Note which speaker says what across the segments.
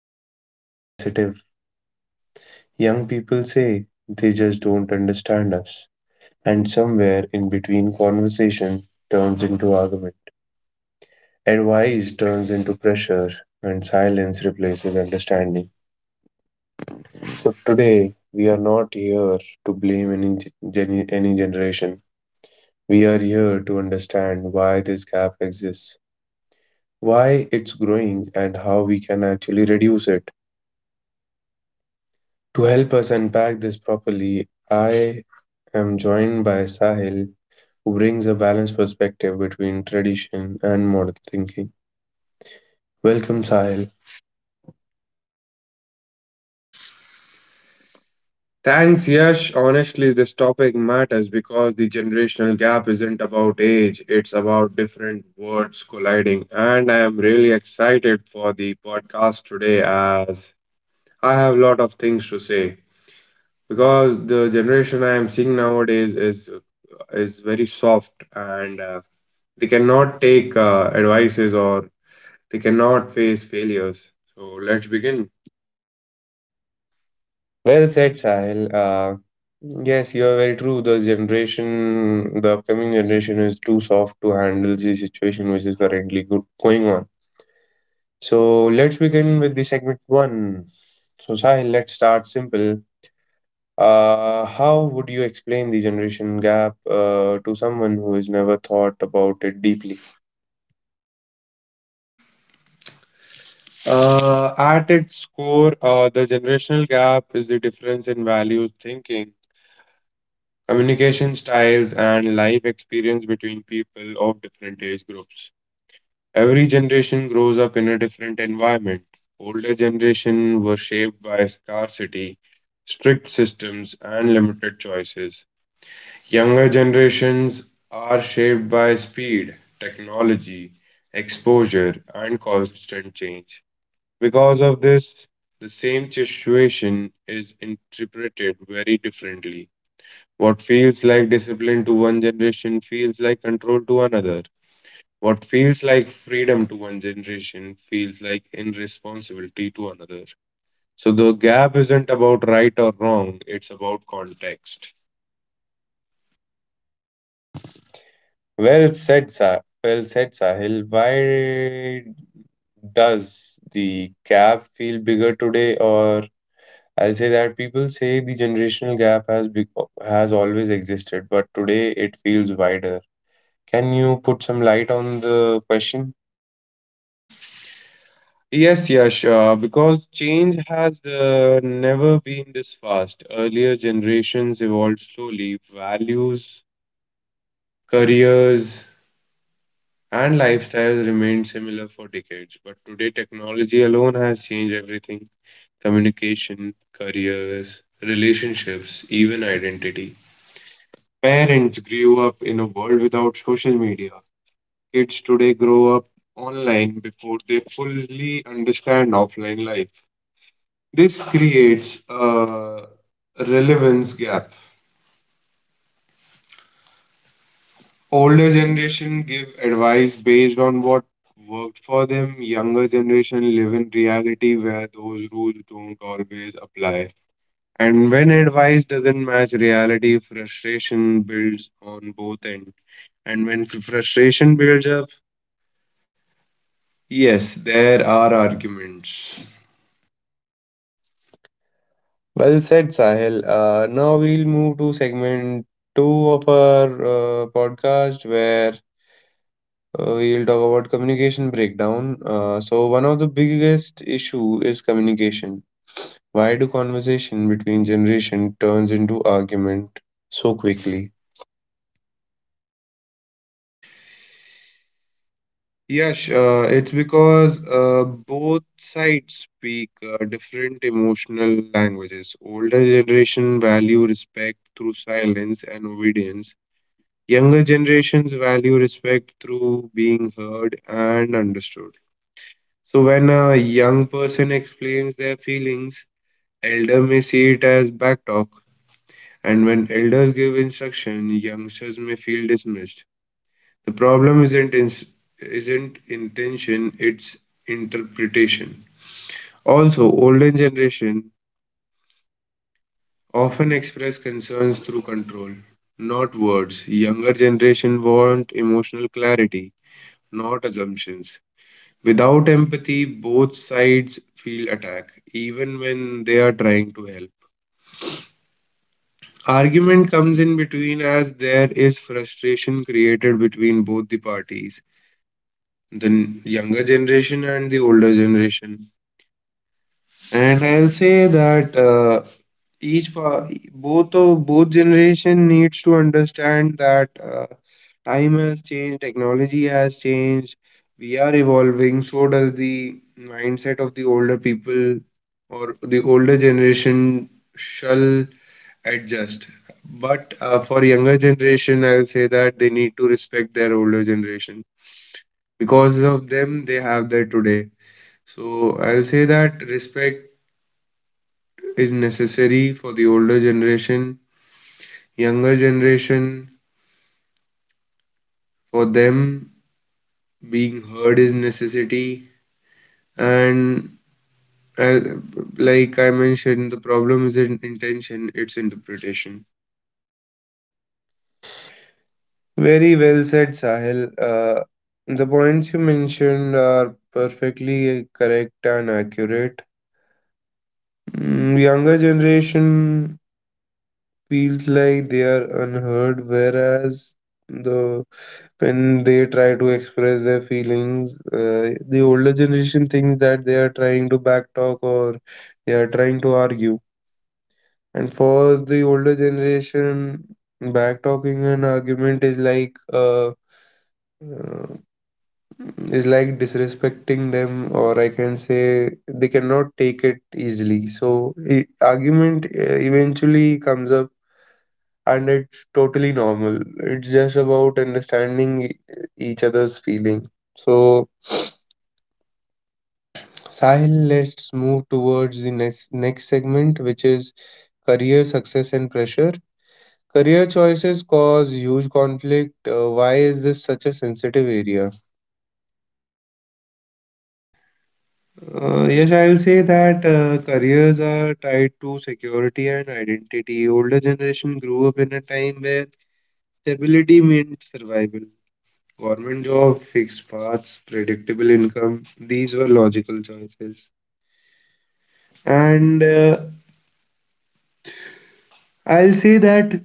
Speaker 1: are really sensitive. Young people say, They just don't understand us. And somewhere in between, conversation turns into argument, advice turns into pressure, and silence replaces understanding. So today we are not here to blame any generation. We are here to understand why this gap exists, why it's growing, and how we can actually reduce it. To help us unpack this properly, I am joined by Sahil, who brings a balanced perspective between tradition and modern thinking. Welcome, Sahil.
Speaker 2: Thanks, Yash. Honestly, this topic matters because the generational gap isn't about age, it's about different worlds colliding. And I am really excited for the podcast today as I have a lot of things to say. Because the generation I am seeing nowadays is very soft and they cannot take advices, or they cannot face failures. So let's begin.
Speaker 1: Well said, Sahil. Yes, you are very true. The generation, the upcoming generation is too soft to handle the situation which is currently go going on. So let's begin with the segment one. So, Sahil, let's start simple. How would you explain the generation gap to someone who has never thought about it deeply?
Speaker 2: At its core, the generational gap is the difference in values, thinking, communication styles, and life experience between people of different age groups. Every generation grows up in a different environment. Older generation were shaped by scarcity, strict systems, and limited choices. Younger generations are shaped by speed, technology, exposure, and constant change. Because of this, the same situation is interpreted very differently. What feels like discipline to one generation feels like control to another. What feels like freedom to one generation feels like irresponsibility to another. So the gap isn't about right or wrong, it's about context.
Speaker 1: Well said, Sahil. Why does the gap feel bigger today, or I'll say that people say the generational gap has always existed, but today it feels wider. Can you put some light on the question?
Speaker 2: Yes, Yash, because change has never been this fast. Earlier generations evolved slowly, values, careers, and lifestyles remained similar for decades. But today, technology alone has changed everything: communication, careers, relationships, even identity. Parents grew up in a world without social media. Kids today grow up online before they fully understand offline life. This creates a relevance gap. Older generation give advice based on what worked for them. Younger generation live in reality where those rules don't always apply. And when advice doesn't match reality, frustration builds on both ends. And when frustration builds up, yes, there are arguments.
Speaker 1: Well said, Sahil. Now we'll move to segment two of our podcast where we'll talk about communication breakdown. So, one of the biggest issue is communication. Why do conversation between generation turns into argument so quickly?
Speaker 2: Yes, it's because both sides speak different emotional languages. Older generation value respect through silence and obedience. Younger generations value respect through being heard and understood. So when a young person explains their feelings, elder may see it as backtalk, and when elders give instruction, youngsters may feel dismissed. The problem isn't in, Isn't intention, it's interpretation. Also, older generation often express concerns through control, not words. Younger generation want emotional clarity, not assumptions. Without empathy, both sides feel attacked, even when they are trying to help. Argument comes in between as there is frustration created between both the parties, the younger generation and the older generation. And I'll say that both of both generation needs to understand that time has changed, technology has changed, we are evolving. So does the mindset of the older people, or the older generation, shall adjust. But for younger generation, I'll say that they need to respect their older generation because of them they have that today. So I'll say that respect is necessary for the older generation. Younger generation, for them, being heard is necessity. And uh, like I mentioned, the problem isn't intention, it's interpretation.
Speaker 1: Very well said, Sahil. The points you mentioned are perfectly correct and accurate. Mm, younger generation feels like they are unheard, whereas the when they try to express their feelings, the older generation thinks that they are trying to backtalk or they are trying to argue. And for the older generation, backtalking and argument uh, is like disrespecting them, or I can say they cannot take it easily. So argument eventually comes up, and it's totally normal. It's just about understanding each other's feeling. So Sahil, let's move towards the next segment, which is career success and pressure. Career choices cause huge conflict. Why is this such a sensitive area?
Speaker 2: Yes, I'll say that careers are tied to security and identity. Older generation grew up in a time where stability meant survival. Government job, fixed paths, predictable income, these were logical choices. And I'll say that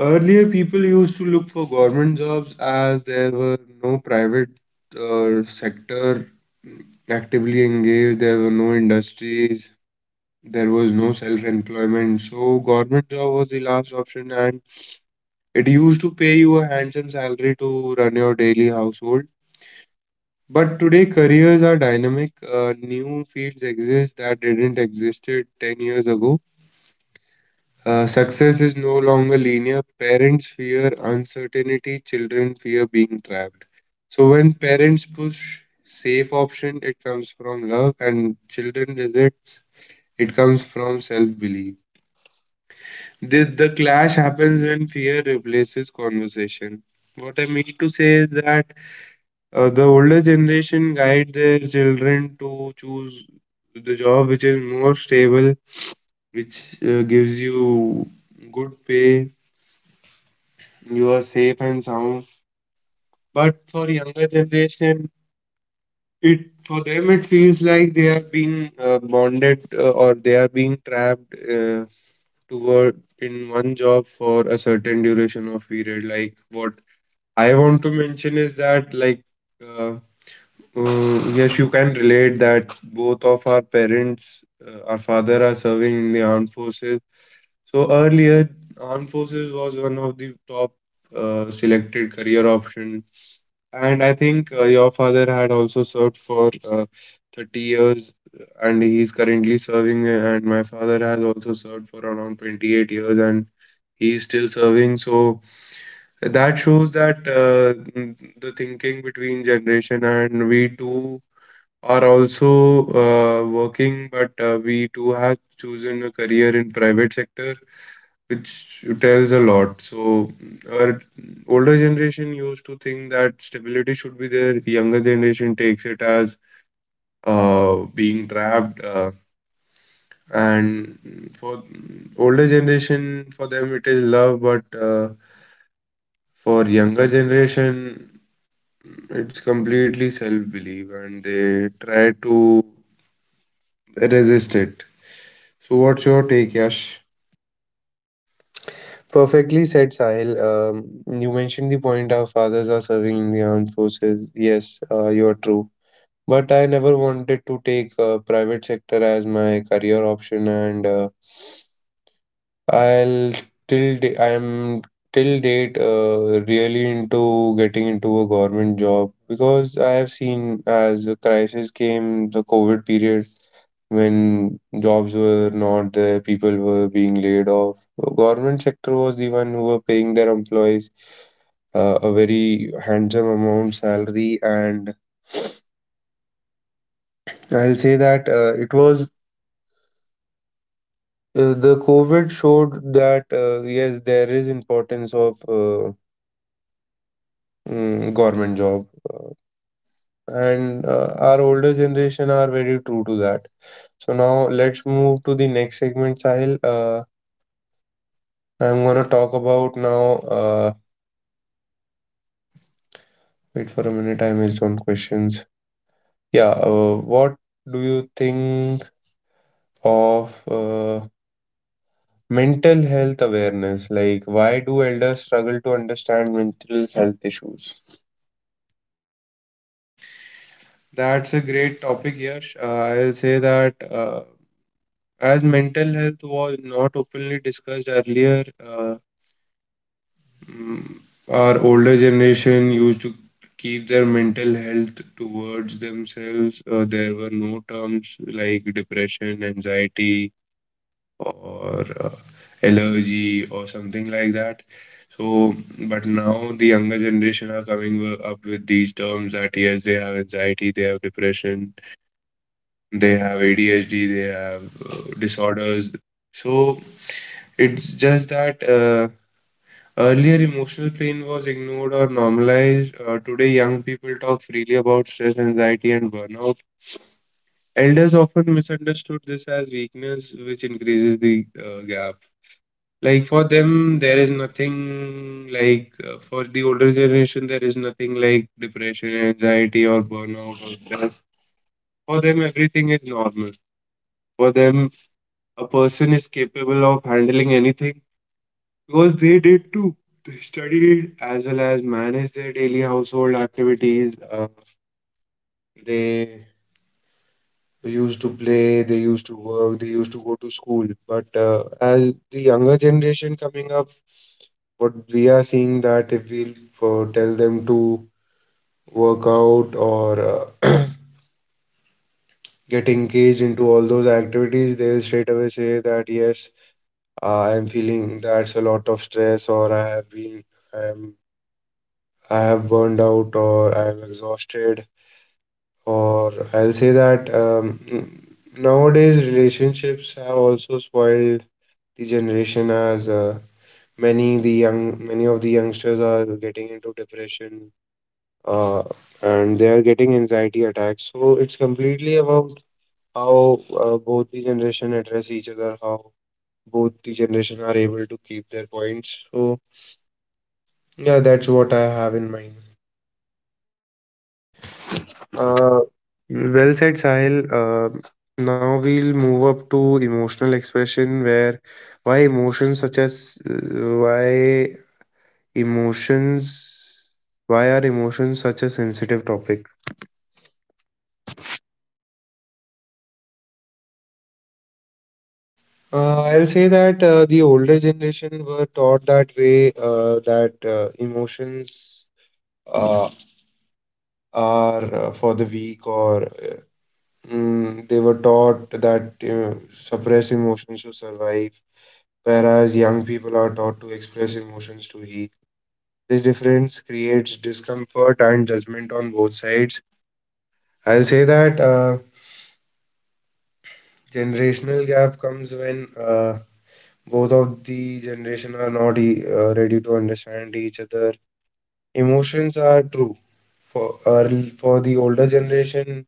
Speaker 2: earlier people used to look for government jobs as there were no private sector actively engaged, there were no industries, there was no self-employment. So government job was the last option, and it used to pay you a handsome salary to run your daily household. But today careers are dynamic. New fields exist that didn't existed 10 years ago. Success is no longer linear. Parents fear uncertainty, children fear being trapped. So when parents push safe option, it comes from love, and children resists, it comes from self-belief. This the clash happens when fear replaces conversation. What I mean to say is that the older generation guide their children to choose the job which is more stable, which gives you good pay. You are safe and sound. But for younger generation, it for them it feels like they are being bonded, or they are being trapped, to work in one job for a certain duration of period. Like what I want to mention is that, uh, yes, you can relate that both of our parents, our father are serving in the armed forces. So earlier, armed forces was one of the top selected career option. And I think your father had also served for 30 years and he's currently serving, and my father has also served for around 28 years and he's still serving. So that shows that the thinking between generation, and we too are also working, but we too have chosen a career in private sector, which tells a lot. So our older generation used to think that stability should be there. Younger generation takes it as being trapped. And for older generation, for them it is love, but for younger generation, it's completely self-belief, and they try to resist it. So what's your take, Yash?
Speaker 1: Perfectly said, Sahil. You mentioned the point our fathers are serving in the armed forces. Yes, you are true. But I never wanted to take a private sector as my career option, and I'll till da- I'm till date really into getting into a government job, because I have seen as the crisis came, the COVID period when jobs were not there, people were being laid off. The government sector was the one who were paying their employees a very handsome amount salary, and I'll say that it was the COVID showed that yes, there is importance of government job. And our older generation are very true to that. So now let's move to the next segment, Sahil. I'm gonna talk about now. Uh, Wait for a minute, I missed one questions. Yeah, what do you think of uh, mental health awareness? Like, why do elders struggle to understand mental health issues?
Speaker 2: That's a great topic, Yash. I'll say that. As mental health was not openly discussed earlier, mm, our older generation used to keep their mental health towards themselves. There were no terms like depression, anxiety, or allergy, or something like that. So, but now the younger generation are coming up with these terms that yes, they have anxiety, they have depression, they have ADHD, they have disorders. So it's just that earlier emotional pain was ignored or normalized. Today, young people talk freely about stress, anxiety, and burnout. Elders often misunderstood this as weakness, which increases the gap. Like for them, there is nothing like for the older generation, there is nothing like depression, anxiety, or burnout or stress. For them, everything is normal. For them, a person is capable of handling anything because they did too. They studied as well as managed their daily household activities. They used to play, they used to work, they used to go to school. But as the younger generation coming up, what we are seeing that if we tell them to work out or get engaged into all those activities, they'll straight away say that yes, I am feeling that's a lot of stress, or I have been. I am I have burned out, or I am exhausted, or I'll say that nowadays relationships have also spoiled the generation as many of the youngsters are getting into depression, uh, and they are getting anxiety attacks. So it's completely about how both the generation address each other, how both the generation are able to keep their points. So yeah, that's what I have in mind.
Speaker 1: Uh, well said, Sahil. Now we'll move up to emotional expression, where why emotions such as uh, why emotions why are emotions such a sensitive topic?
Speaker 2: I'll say that the older generation were taught that way, that emotions uh, are for the weak, or they were taught that suppress emotions to survive, whereas young people are taught to express emotions to heal. This difference creates discomfort and judgment on both sides. I'll say that generational gap comes when both of the generation are not ready to understand each other. Emotions are true. For the older generation,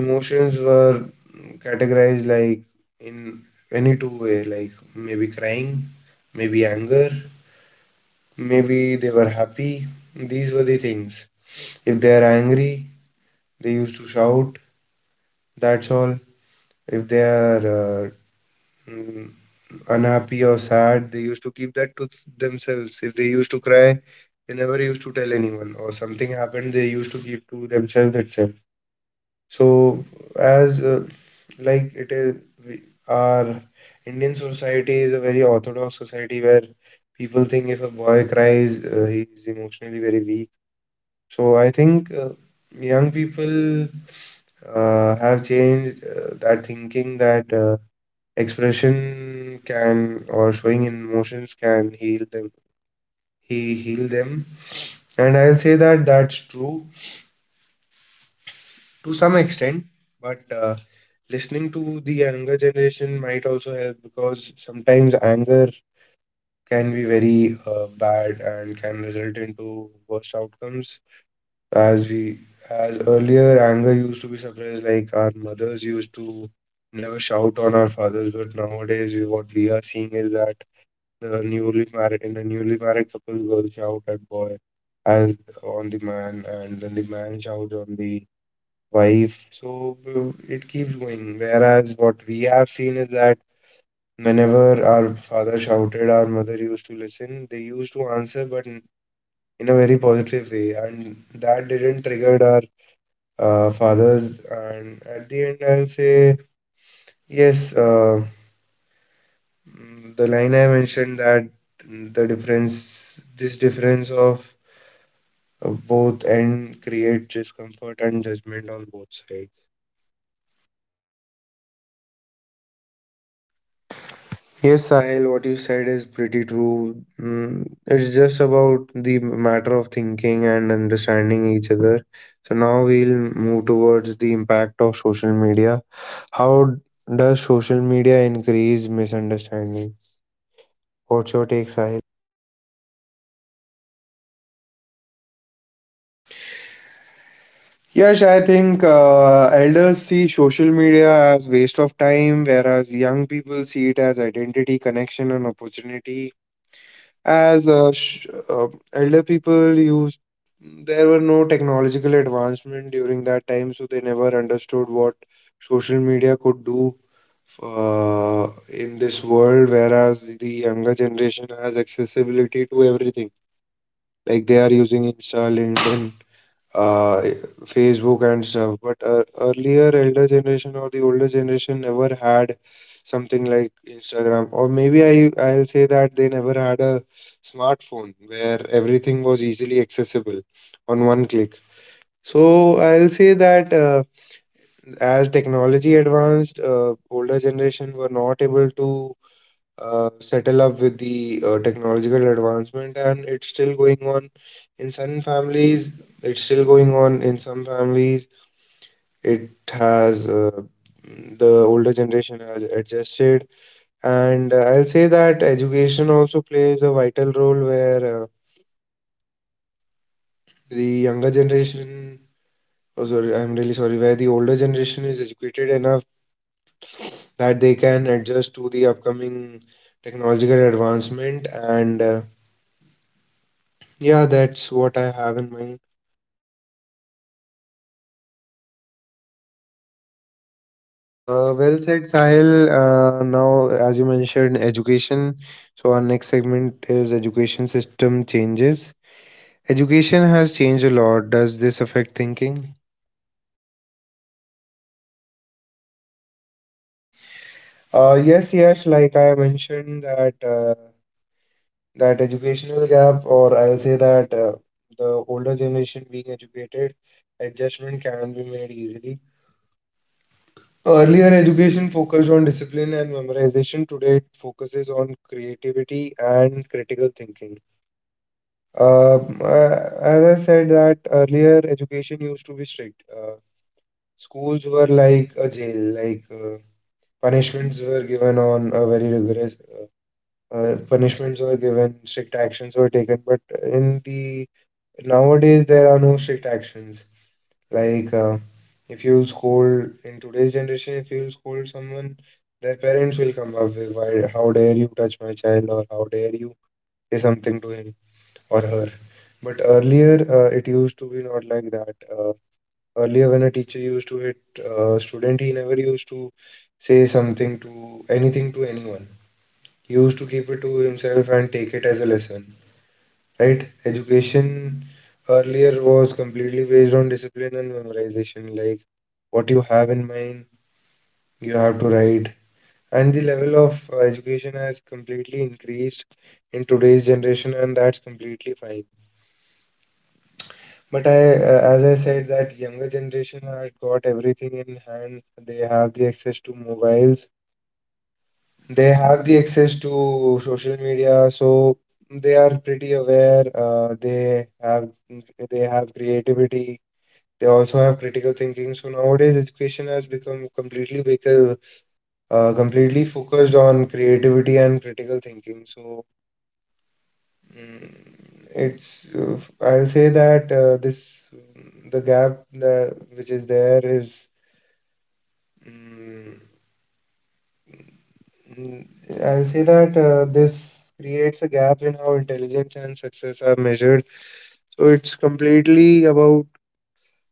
Speaker 2: emotions were categorized like in any two-way, like maybe crying, maybe anger, maybe they were happy. These were the things. If they are angry, they used to shout. That's all. If they are uh, mm, unhappy or sad, they used to keep that to themselves. If they used to cry, they never used to tell anyone. Or something happened, they used to keep to themselves itself. So, as like it is, we, our Indian society is a very orthodox society where people think if a boy cries, he is emotionally very weak. So, I think young people have changed that thinking that expression can, or showing emotions can heal them, he heal them. And I'll say that that's true to some extent, but listening to the younger generation might also help because sometimes anger can be very bad and can result into worse outcomes. As we, as earlier, anger used to be suppressed, like our mothers used to never shout on our fathers, but nowadays what we are seeing is that in a newly married couple, girls shout at boy, as on the man, and then the man shouts on the wife. So it keeps going. Whereas what we have seen is that whenever our father shouted, our mother used to listen. They used to answer, but in a very positive way, and that didn't trigger our fathers. And at the end, I'll say yes. Mm, the line I mentioned that mm, the difference, This difference of both and create discomfort and judgment on both sides.
Speaker 1: Yes, Sahil, what you said is pretty true. Mm, it's just about the matter of thinking and understanding each other. So now we'll move towards the impact of social media. How does social media increase misunderstanding? What's your take, Sahil?
Speaker 2: Yes, I think elders see social media as waste of time, whereas young people see it as identity, connection, and opportunity. As sh Elder people used, there were no technological advancement during that time, so they never understood what social media could do in this world. Whereas the younger generation has accessibility to everything, like they are using Insta, LinkedIn, uh, Facebook and stuff. But earlier, elder generation or the older generation never had something like Instagram, or maybe I'll say that they never had a smartphone where everything was easily accessible on one click. So I'll say that as technology advanced, older generation were not able to settle up with the technological advancement, and it's still going on in some families, it's still going on in some families, it has the older generation has adjusted, and I'll say that education also plays a vital role where the younger generation, oh sorry, I'm really sorry, where the older generation is educated enough that they can adjust to the upcoming technological advancement, and yeah, that's what I have in mind.
Speaker 1: Well said, Sahil. Now, as you mentioned, education. So, our next segment is education system changes. Education has changed a lot. Does this affect thinking?
Speaker 2: Yes, yes, like I mentioned that that educational gap, or I'll say that the older generation being educated, adjustment can be made easily. Earlier education focused on discipline and memorization. Today it focuses on creativity and critical thinking. As I said, that earlier education used to be strict. Schools were like a jail, like punishments were given on a very rigorous punishments were given, strict actions were taken. But in the nowadays, there are no strict actions. Like if you'll scold in today's generation, if you'll scold someone, their parents will come up with why, how dare you touch my child, or how dare you say something to him or her. But earlier, it used to be not like that. Earlier, when a teacher used to hit a student, he never used to say something, to anything, to anyone. He used to keep it to himself and take it as a lesson, right? Education earlier was completely based on discipline and memorization. Like what you have in mind, you have to write. And the level of education has completely increased in today's generation, and that's completely fine. But as I said, that younger generation has got everything in hand. They have the access to mobiles. They have the access to social media, so they are pretty aware. They have creativity. They also have critical thinking. So nowadays, education has become completely completely focused on creativity and critical thinking. So mm, it's I'll say that this the gap the, which is there is mm, I'll say that this creates a gap in how intelligence and success are measured. So it's completely about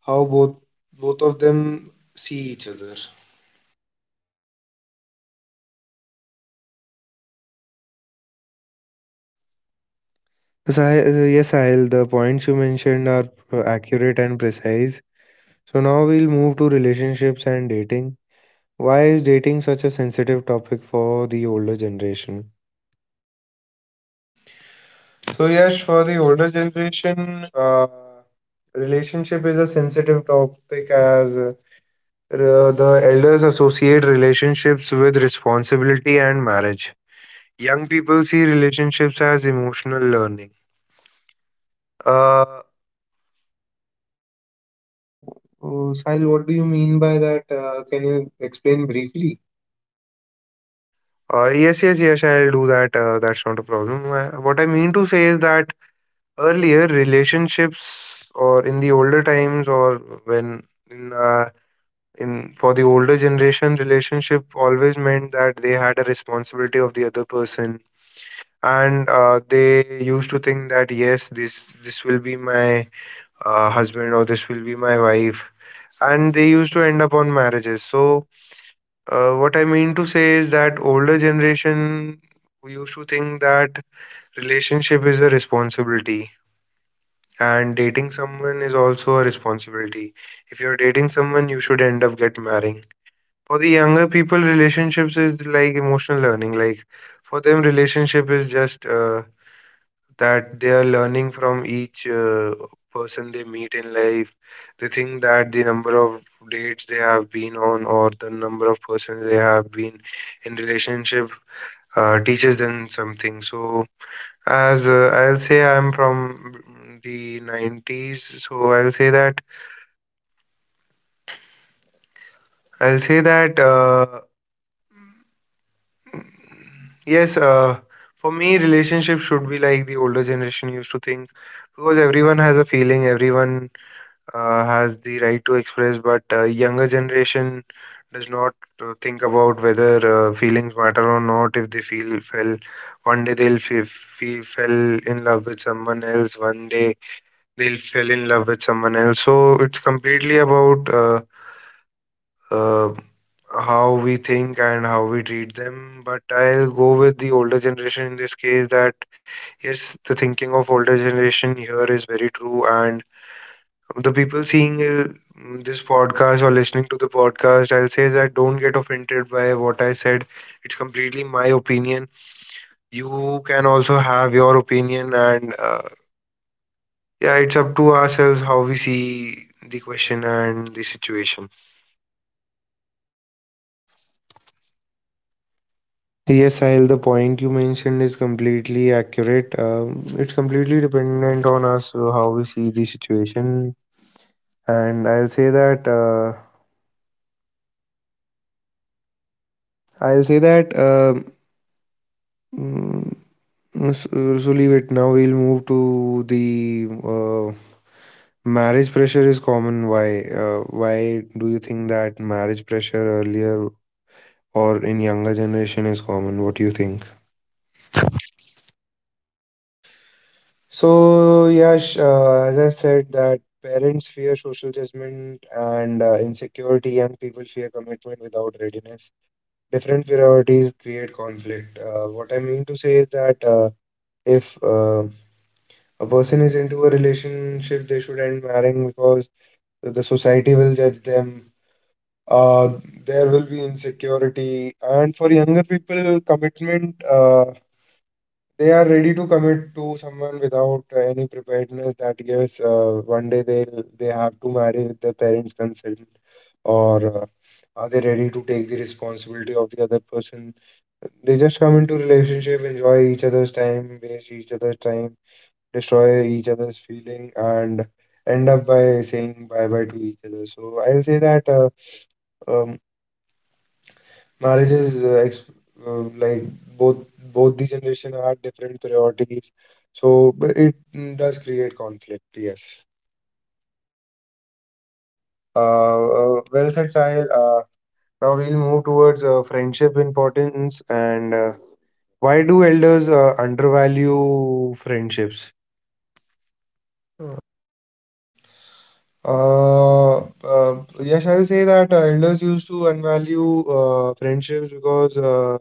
Speaker 2: how both of them see each other.
Speaker 1: Sahil, the points you mentioned are accurate and precise. So, now we'll move to relationships and dating. Why is dating such a sensitive topic for the older generation?
Speaker 2: So yes, for the older generation, relationship is a sensitive topic as the elders associate relationships with responsibility and marriage. Young people see relationships as emotional learning. Uh,
Speaker 1: Oh, oh, Sahil, what do you mean by that? Can you explain briefly?
Speaker 2: yes, yes, yes, I'll do that. That's not a problem. What I mean to say is that earlier relationships, or in the older times, or when in uh, in for the older generation, relationship always meant that they had a responsibility of the other person, and they used to think that yes this will be my husband, or this will be my wife, and they used to end up on marriages. So what I mean to say is that older generation used to think that relationship is a responsibility, and dating someone is also a responsibility. If you're dating someone, you should end up get marrying. For the younger people, relationships is like emotional learning. Like for them, relationship is just that they are learning from each person they meet in life. They think that the number of dates they have been on, or the number of persons they have been in relationship, teaches them something. So as I'll say, I'm from the 90s. So I'll say that. Yes, for me, relationship should be like the older generation used to think, because everyone has a feeling, everyone has the right to express, but younger generation does not think about whether feelings matter or not. If they feel fell one day they'll fe fe fell in love with someone else, one day they'll fell in love with someone else. So it's completely about uh, how we think and how we treat them. But I'll go with the older generation in this case, that yes, the thinking of older generation here is very true. And the people seeing this podcast or listening to the podcast, I'll say that don't get offended by what I said. It's completely my opinion. You can also have your opinion, and yeah, it's up to ourselves how we see the question and the situation.
Speaker 1: Yes, Sahil, the point you mentioned is completely accurate. It's completely dependent on us how we see the situation, and I'll say that mm, s- so leave it. Now we'll move to the marriage pressure is common. Why? Why do you think that marriage pressure earlier or in younger generation is common? What do you think?
Speaker 2: So, Yash, as I said, that parents fear social judgment and insecurity, and people fear commitment without readiness. Different priorities create conflict. What I mean to say is that if a person is into a relationship, they should end marrying because the society will judge them. Uh, there will be insecurity, and for younger people, commitment. They are ready to commit to someone without any preparedness, that gives one day they have to marry with their parents consent, or are they ready to take the responsibility of the other person? They just come into relationship, enjoy each other's time, waste each other's time, destroy each other's feeling, and end up by saying bye bye to each other. So I'll say that um, marriage is ex like both both the generation had different priorities, so, but it does create conflict. Yes.
Speaker 1: Well said, Sahil. Now we'll move towards friendship importance and why do elders undervalue friendships?
Speaker 2: Uh, uh, yes, I'll say that elders used to unvalue friendships because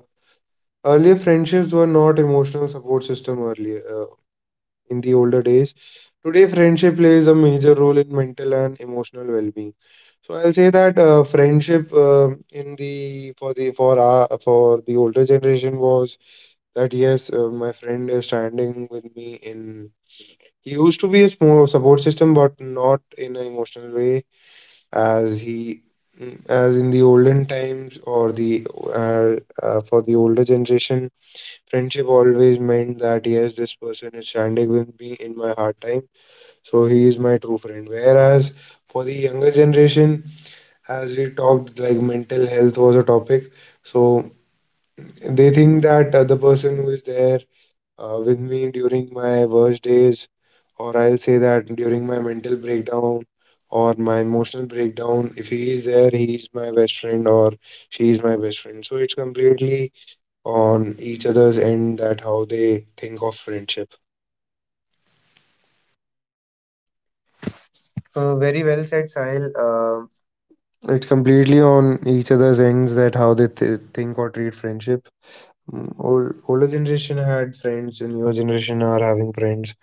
Speaker 2: earlier friendships were not emotional support system earlier in the older days. Today, friendship plays a major role in mental and emotional well-being. So I'll say that friendship in the for our for the older generation was that yes, my friend is standing with me in. He used to be a small support system, but not in an emotional way as he as in the olden times or the uh, for the older generation, friendship always meant that yes, this person is standing with me in my hard time, so he is my true friend. Whereas for the younger generation, as we talked, like mental health was a topic, so they think that the person who is there with me during my worst days, or I'll say that during my mental breakdown or my emotional breakdown, if he is there, he is my best friend or she is my best friend. So it's completely on each other's end, that how they think of friendship?
Speaker 1: Very well said, Sahil. It's completely on each other's ends that how they think or treat friendship. Mm, Old, older generation had friends, and newer generation are having friends.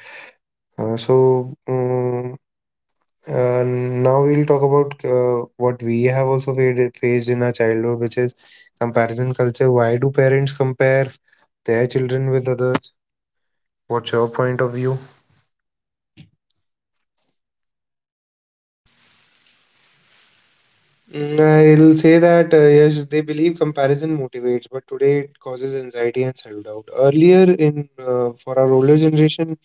Speaker 1: Uh, so, um, now we'll talk about what we have also faced in our childhood, which is comparison culture. Why do parents compare their children with others? What's your point of view?
Speaker 2: Mm, I'll say that yes, they believe comparison motivates, but today it causes anxiety and self-doubt. Earlier in for our older generation,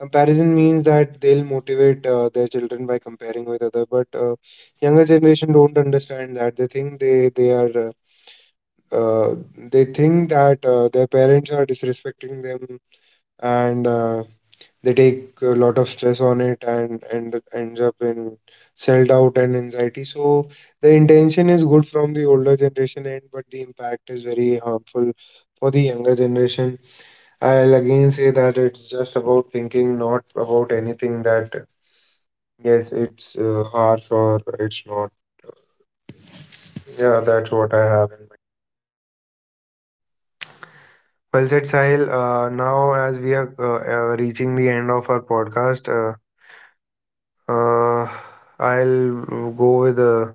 Speaker 2: comparison means that they'll motivate their children by comparing with other, but younger generation don't understand that. They think they are uh, they think that their parents are disrespecting them, and they take a lot of stress on it, and ends up in self-doubt and anxiety. So the intention is good from the older generation end, but the impact is very harmful for the younger generation. I'll again say that it's just about thinking, not about anything, that yes it's harsh or it's not. Yeah, that's what I have.
Speaker 1: Well said, Sahil. Now, as we are reaching the end of our podcast, uh, I'll go with a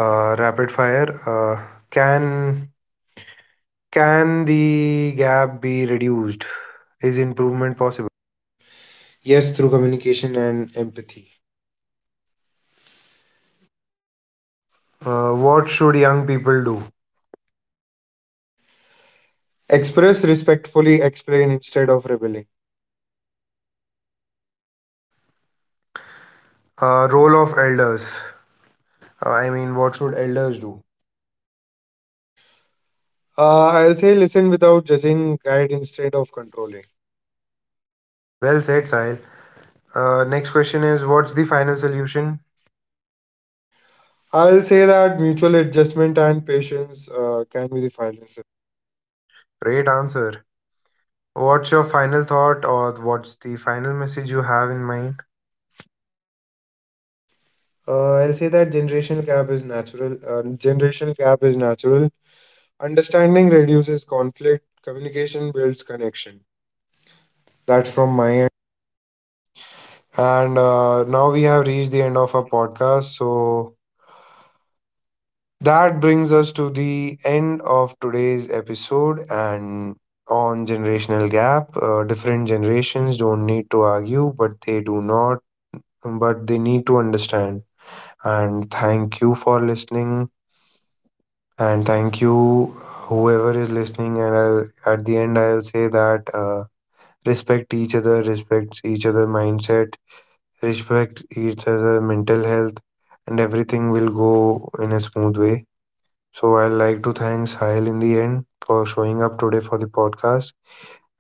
Speaker 1: rapid fire. Can can the gap be reduced? Is improvement possible?
Speaker 2: Yes, through communication and empathy.
Speaker 1: What should young people do?
Speaker 2: Express respectfully, explain instead of rebelling.
Speaker 1: Role of elders. I mean, what should elders do?
Speaker 2: I'll say listen without judging, guide instead of controlling.
Speaker 1: Well said, Sahil. Next question is, what's the final solution?
Speaker 2: I'll say that mutual adjustment and patience can be the final solution.
Speaker 1: Great answer. What's your final thought, or what's the final message you have in mind?
Speaker 2: I'll say that generational gap is natural. Generational gap is natural. Understanding reduces conflict. Communication builds connection. That's from my end.
Speaker 1: And now we have reached the end of our podcast. So that brings us to the end of today's episode and on generational gap. Different generations don't need to argue, but they do not, but they need to understand. And thank you for listening. And thank you, whoever is listening. And I'll, at the end, I'll say that respect each other mindset, respect each other mental health, and everything will go in a smooth way. So I'd like to thank Sahil in the end for showing up today for the podcast.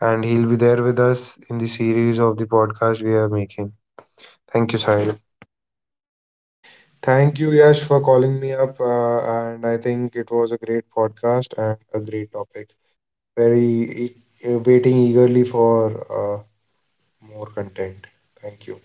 Speaker 1: And he'll be there with us in the series of the podcast we are making. Thank you, Sahil.
Speaker 2: Thank you, Yash, for calling me up. And I think it was a great podcast and a great topic. Very waiting eagerly for more content. Thank you.